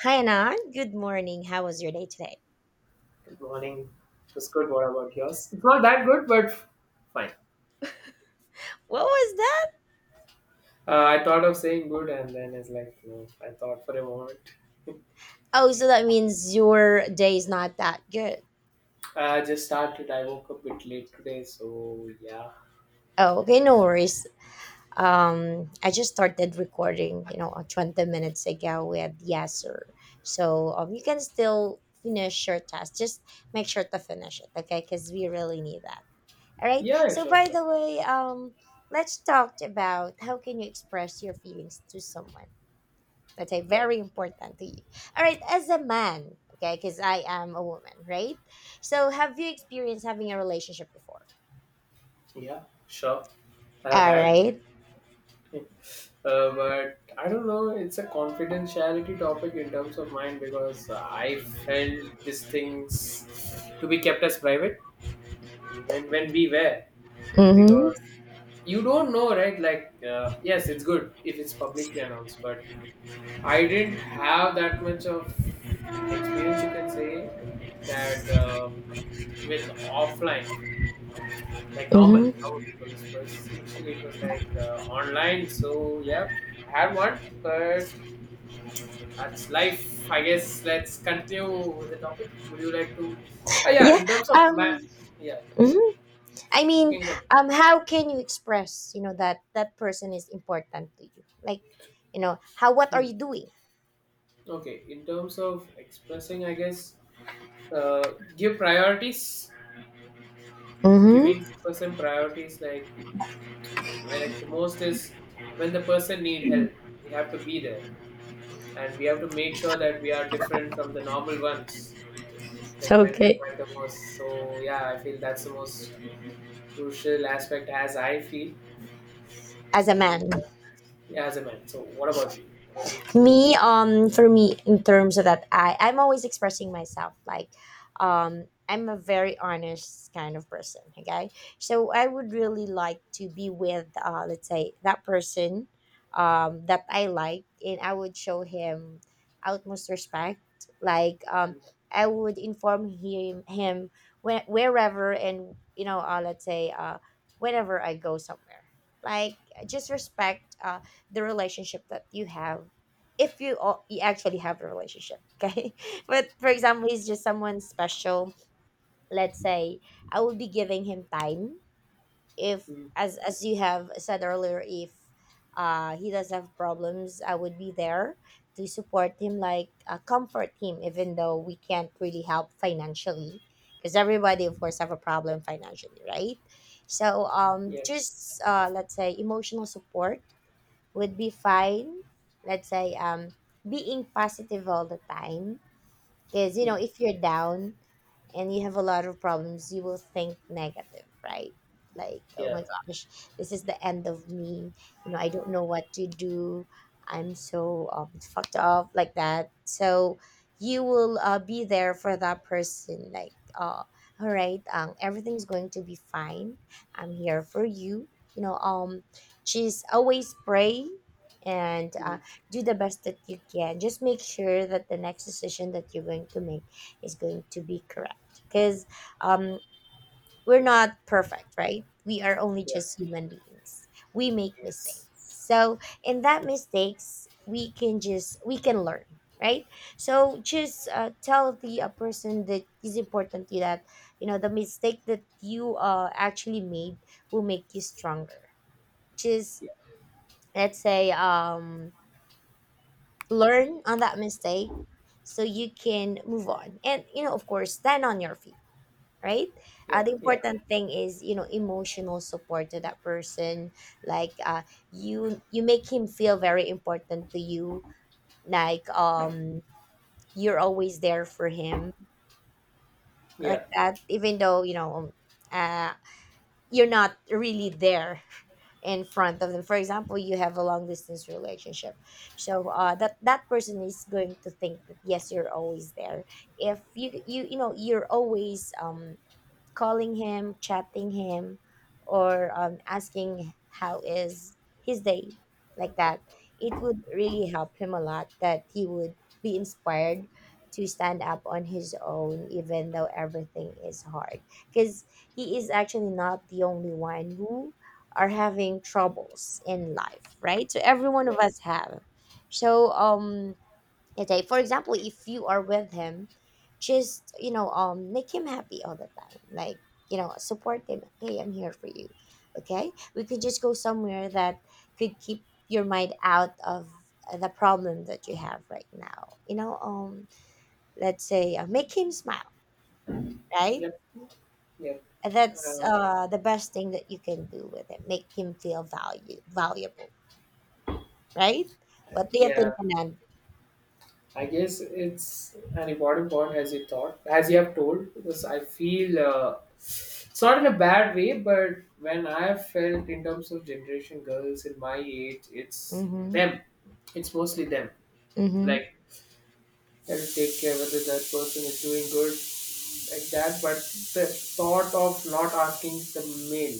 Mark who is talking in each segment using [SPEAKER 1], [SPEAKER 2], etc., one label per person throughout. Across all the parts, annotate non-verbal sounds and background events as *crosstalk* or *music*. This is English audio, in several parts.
[SPEAKER 1] Hi, Anan, good morning. How was your day today?
[SPEAKER 2] Good morning. It was good. What about yours? It's not that good, but fine.
[SPEAKER 1] What was that?
[SPEAKER 2] I thought of saying good, and then it's like no. I thought for a moment.
[SPEAKER 1] Oh, so that means your day is not that good.
[SPEAKER 2] I just started. I woke up a bit late today, so yeah.
[SPEAKER 1] Oh, okay, no worries. I just started recording, 20 minutes ago with Yasser. So you can still finish your task. Just make sure to finish it, okay? Because we really need that. All right.
[SPEAKER 2] Yeah, yeah,
[SPEAKER 1] So
[SPEAKER 2] sure,
[SPEAKER 1] by
[SPEAKER 2] sure.
[SPEAKER 1] the way, let's talk about how can you express your feelings to someone. Okay,
[SPEAKER 2] Yeah,
[SPEAKER 1] very important to you. All right, as a man, okay, because I am a woman, right? So, have you experienced having a relationship before?
[SPEAKER 2] yeah, sure. I've
[SPEAKER 1] All
[SPEAKER 2] had,
[SPEAKER 1] right.
[SPEAKER 2] uh, but I don't know. It's a confidentiality topic in terms of mine because I felt these things to be kept as private, even when we were,
[SPEAKER 1] Mm-hmm.
[SPEAKER 2] because you don't know, right? Like, yes, it's good if it's publicly announced, but I didn't have that much of experience, you can say that, with offline, like normal
[SPEAKER 1] Mm-hmm.
[SPEAKER 2] normal people's first. Initially it was like, online, so yeah, I had one, but that's life, I guess. Let's continue with the topic. Would you like to, yeah,
[SPEAKER 1] Yeah.
[SPEAKER 2] in terms of ma-
[SPEAKER 1] Um.
[SPEAKER 2] yeah,
[SPEAKER 1] Mhm. I
[SPEAKER 2] you
[SPEAKER 1] mean,
[SPEAKER 2] can connect.
[SPEAKER 1] how can you express, that that person is important to you? Like, how? What are
[SPEAKER 2] Hmm.
[SPEAKER 1] you doing?
[SPEAKER 2] Okay, in terms of expressing, I guess, give priorities, giving
[SPEAKER 1] Mm-hmm.
[SPEAKER 2] person priorities, like when the most is when the person need help, we have to be there, and we have to make sure that we are different from the normal ones, like when
[SPEAKER 1] Okay.
[SPEAKER 2] required the most. So yeah, I feel that's the most crucial aspect, as I feel.
[SPEAKER 1] As a
[SPEAKER 2] So
[SPEAKER 1] man.
[SPEAKER 2] yeah, yeah, as a man. So what about you? What do you feel?
[SPEAKER 1] Me for me in terms of that, I'm always expressing myself, like, I'm a very honest kind of person, okay. So I would really like to be with, let's say, that person, that I like, and I would show him utmost respect, like, I would inform him where, wherever, and let's say, whenever I go somewhere, like, just respect, the relationship that you have, if you all you actually have a relationship, okay. *laughs* But for example, he's just someone special, let's say. I will be giving him time if,
[SPEAKER 2] Mm,
[SPEAKER 1] as you have said earlier, if he does have problems, I would be there to support him, like, comfort him, even though we can't really help financially, because everybody of course have a
[SPEAKER 2] mm,
[SPEAKER 1] problem financially, right? So
[SPEAKER 2] yeah.
[SPEAKER 1] just, let's say, emotional support would be fine. Let's say, being positive all the time, because, you know,
[SPEAKER 2] Mm,
[SPEAKER 1] if you're down and you have a lot of problems, you will think negative, right? Like, oh my
[SPEAKER 2] yeah.
[SPEAKER 1] gosh, this is the end of me. You know, I don't know what to do. I'm so fucked up, like that. So you will, be there for that person, like, all right, everything's going to be fine. I'm here for you. You know, she's always pray, and,
[SPEAKER 2] Mm,
[SPEAKER 1] do the best that you can. Just make sure that the next decision that you're going to make is going to be correct. Because, um, we're not perfect, right? We are only
[SPEAKER 2] yeah.
[SPEAKER 1] just human beings. We make mistakes.
[SPEAKER 2] Yes.
[SPEAKER 1] So in that mistakes, we can learn, right? So just, tell the, person that is important to you that you know the mistake that you, actually made will make you stronger. Just,
[SPEAKER 2] Yeah,
[SPEAKER 1] let's say, learn on that mistake, so you can move on and, you know, of course stand on your feet, right? uh,
[SPEAKER 2] yeah,
[SPEAKER 1] the
[SPEAKER 2] yeah,
[SPEAKER 1] important thing is, you know, emotional support to that person, like, you make him feel very important to you, like, you're always there for him,
[SPEAKER 2] yeah,
[SPEAKER 1] like that, even though, you know, uh, you're not really there in front of them. For example, you have a long distance relationship, so, that that person is going to think that yes, you're always there. If you know you're always calling him, chatting him, or, asking how is his day, like that. It would really help him a lot that he would be inspired to stand up on his own, even though everything is hard. Because he is actually not the only one who are having troubles in life, right? So every one of
[SPEAKER 2] yeah,
[SPEAKER 1] us have. So, okay, for example, if you are with him, just, you know, make him happy all the time. Like, you know, support him. Hey, I'm here for you. Okay, we could just go somewhere that could keep your mind out of the problem that you have right now. You know, let's say, make him smile, right.
[SPEAKER 2] yeah, yeah,
[SPEAKER 1] And that's
[SPEAKER 2] uh,
[SPEAKER 1] the best thing that you can do with it. Make him feel value valuable, right. What do you
[SPEAKER 2] yeah.
[SPEAKER 1] think, Anan?
[SPEAKER 2] I guess it's an important point as you thought, as you have told, because I feel, it's not in a bad way, but when I have felt in terms of generation girls in my age, it's
[SPEAKER 1] Mm-hmm.
[SPEAKER 2] them. It's mostly them.
[SPEAKER 1] Mm-hmm.
[SPEAKER 2] Like, I have to take care whether that person is doing good, like that, but the thought of not asking the male,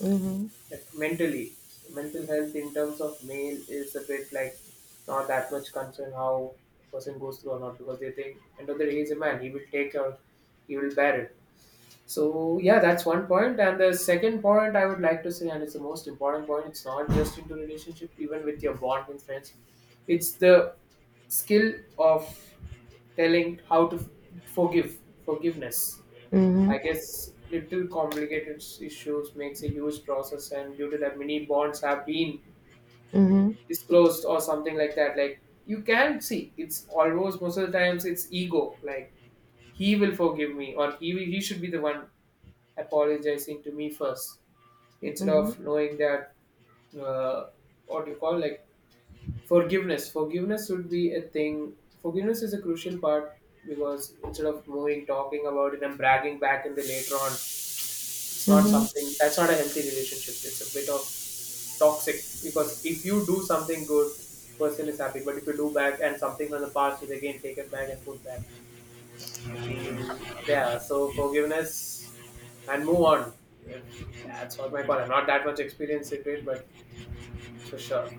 [SPEAKER 1] Mm-hmm.
[SPEAKER 2] like mentally, mental health in terms of male is a bit like not that much concern how a person goes through or not, because they think end of the day he's a man, he will take care, he will bear it. So yeah, that's one point. And the second point I would like to say, and it's the most important point, it's not just into relationship, even with your bond with friends. It's the skill of telling how to forgive, forgiveness. I
[SPEAKER 1] Mm-hmm.
[SPEAKER 2] guess little complicated issues makes a huge process, and due to that, many bonds have been
[SPEAKER 1] Mm-hmm.
[SPEAKER 2] disclosed or something like that. Like you can see, it's almost most of the times it's ego. Like he will forgive me, or he will, he should be the one apologizing to me first, instead
[SPEAKER 1] Mhm,
[SPEAKER 2] of knowing that, uh, what do you call, like forgiveness. Forgiveness should be a thing. Forgiveness is a crucial part, because instead of moving, talking about it, and bragging back in the later on. It's not
[SPEAKER 1] mhm.
[SPEAKER 2] something that's not a healthy relationship. It's a bit of toxic, because if you do something good, person is happy. But if you do bad and something from the past is again taken back and put back, I feel, yeah. So forgiveness and move on. If, yeah, that's what my call. I'm not that much experienced in it, but it's for sure.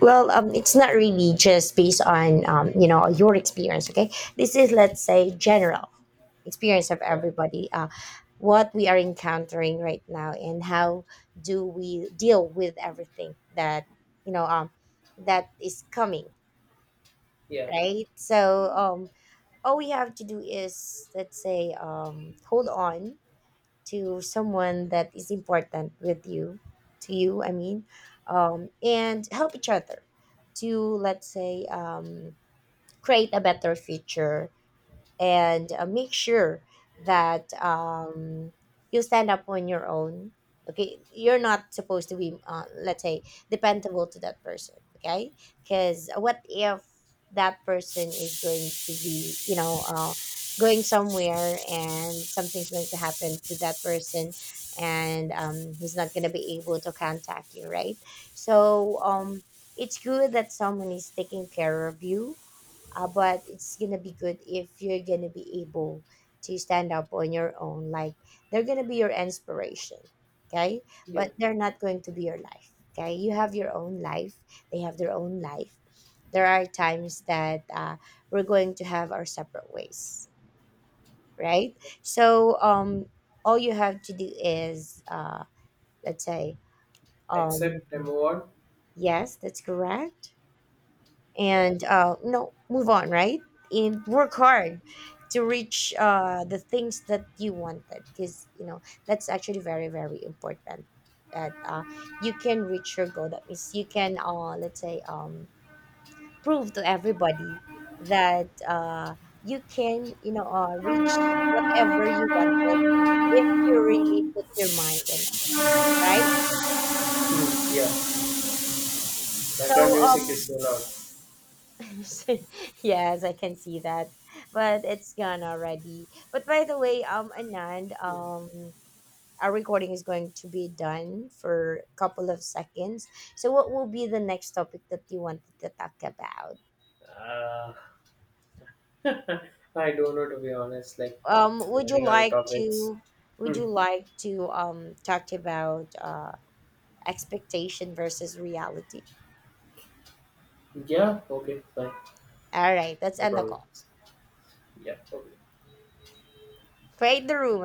[SPEAKER 1] Well, it's not really just based on, you know, your experience. Okay, this is, let's say, general experience of
[SPEAKER 2] Yeah,
[SPEAKER 1] everybody. What we are encountering right now, and how do we deal with everything that, you know, that is coming,
[SPEAKER 2] yeah,
[SPEAKER 1] right? So, all we have to do is, let's say, hold on to someone that is important with you, to you I mean, and help each other to, let's say, create a better future, and, make sure that, you stand up on your own. Okay, you're not supposed to be, let's say, dependable to that person. Okay, because what if that person is going to be, you know, going somewhere and something's going to happen to that person, and, he's not going to be able to contact you, right? So, it's good that someone is taking care of you, but it's gonna be good if you're gonna be able to stand up on your own, like they're gonna be your inspiration, okay.
[SPEAKER 2] yeah.
[SPEAKER 1] But they're not going to be your life, okay. You have your own life, they have their own life. There are times that, we're going to have our separate ways, right. So, all you have to do is, let's say, um
[SPEAKER 2] Accept and move on.
[SPEAKER 1] yes, that's correct.
[SPEAKER 2] Yeah.
[SPEAKER 1] And, you know, move on, right, and work hard to reach, the things that you wanted, because you know that's actually very very important, that, you can reach your goal, that means you can, let's say, prove to everybody that, you can, you know, reach whatever you wanted if you really put your mind in it, right.
[SPEAKER 2] Mm, yeah.
[SPEAKER 1] So,
[SPEAKER 2] Background music
[SPEAKER 1] um,
[SPEAKER 2] is so loud.
[SPEAKER 1] *laughs* yes, I can see that. But it's gone already. But by the way, Anand, our recording is going to be done for a couple of seconds. So what will be the next topic that you wanted to talk about?
[SPEAKER 2] Yeah. Uh, *laughs* I don't know, to be honest. Like, we're
[SPEAKER 1] Would you
[SPEAKER 2] running out of
[SPEAKER 1] like
[SPEAKER 2] topics.
[SPEAKER 1] to
[SPEAKER 2] Hmm.
[SPEAKER 1] talk about expectation versus reality?
[SPEAKER 2] Yeah. Okay. Fine.
[SPEAKER 1] All right, let's
[SPEAKER 2] No
[SPEAKER 1] end the
[SPEAKER 2] problem.
[SPEAKER 1] call.
[SPEAKER 2] Yeah. Okay.
[SPEAKER 1] Create the room.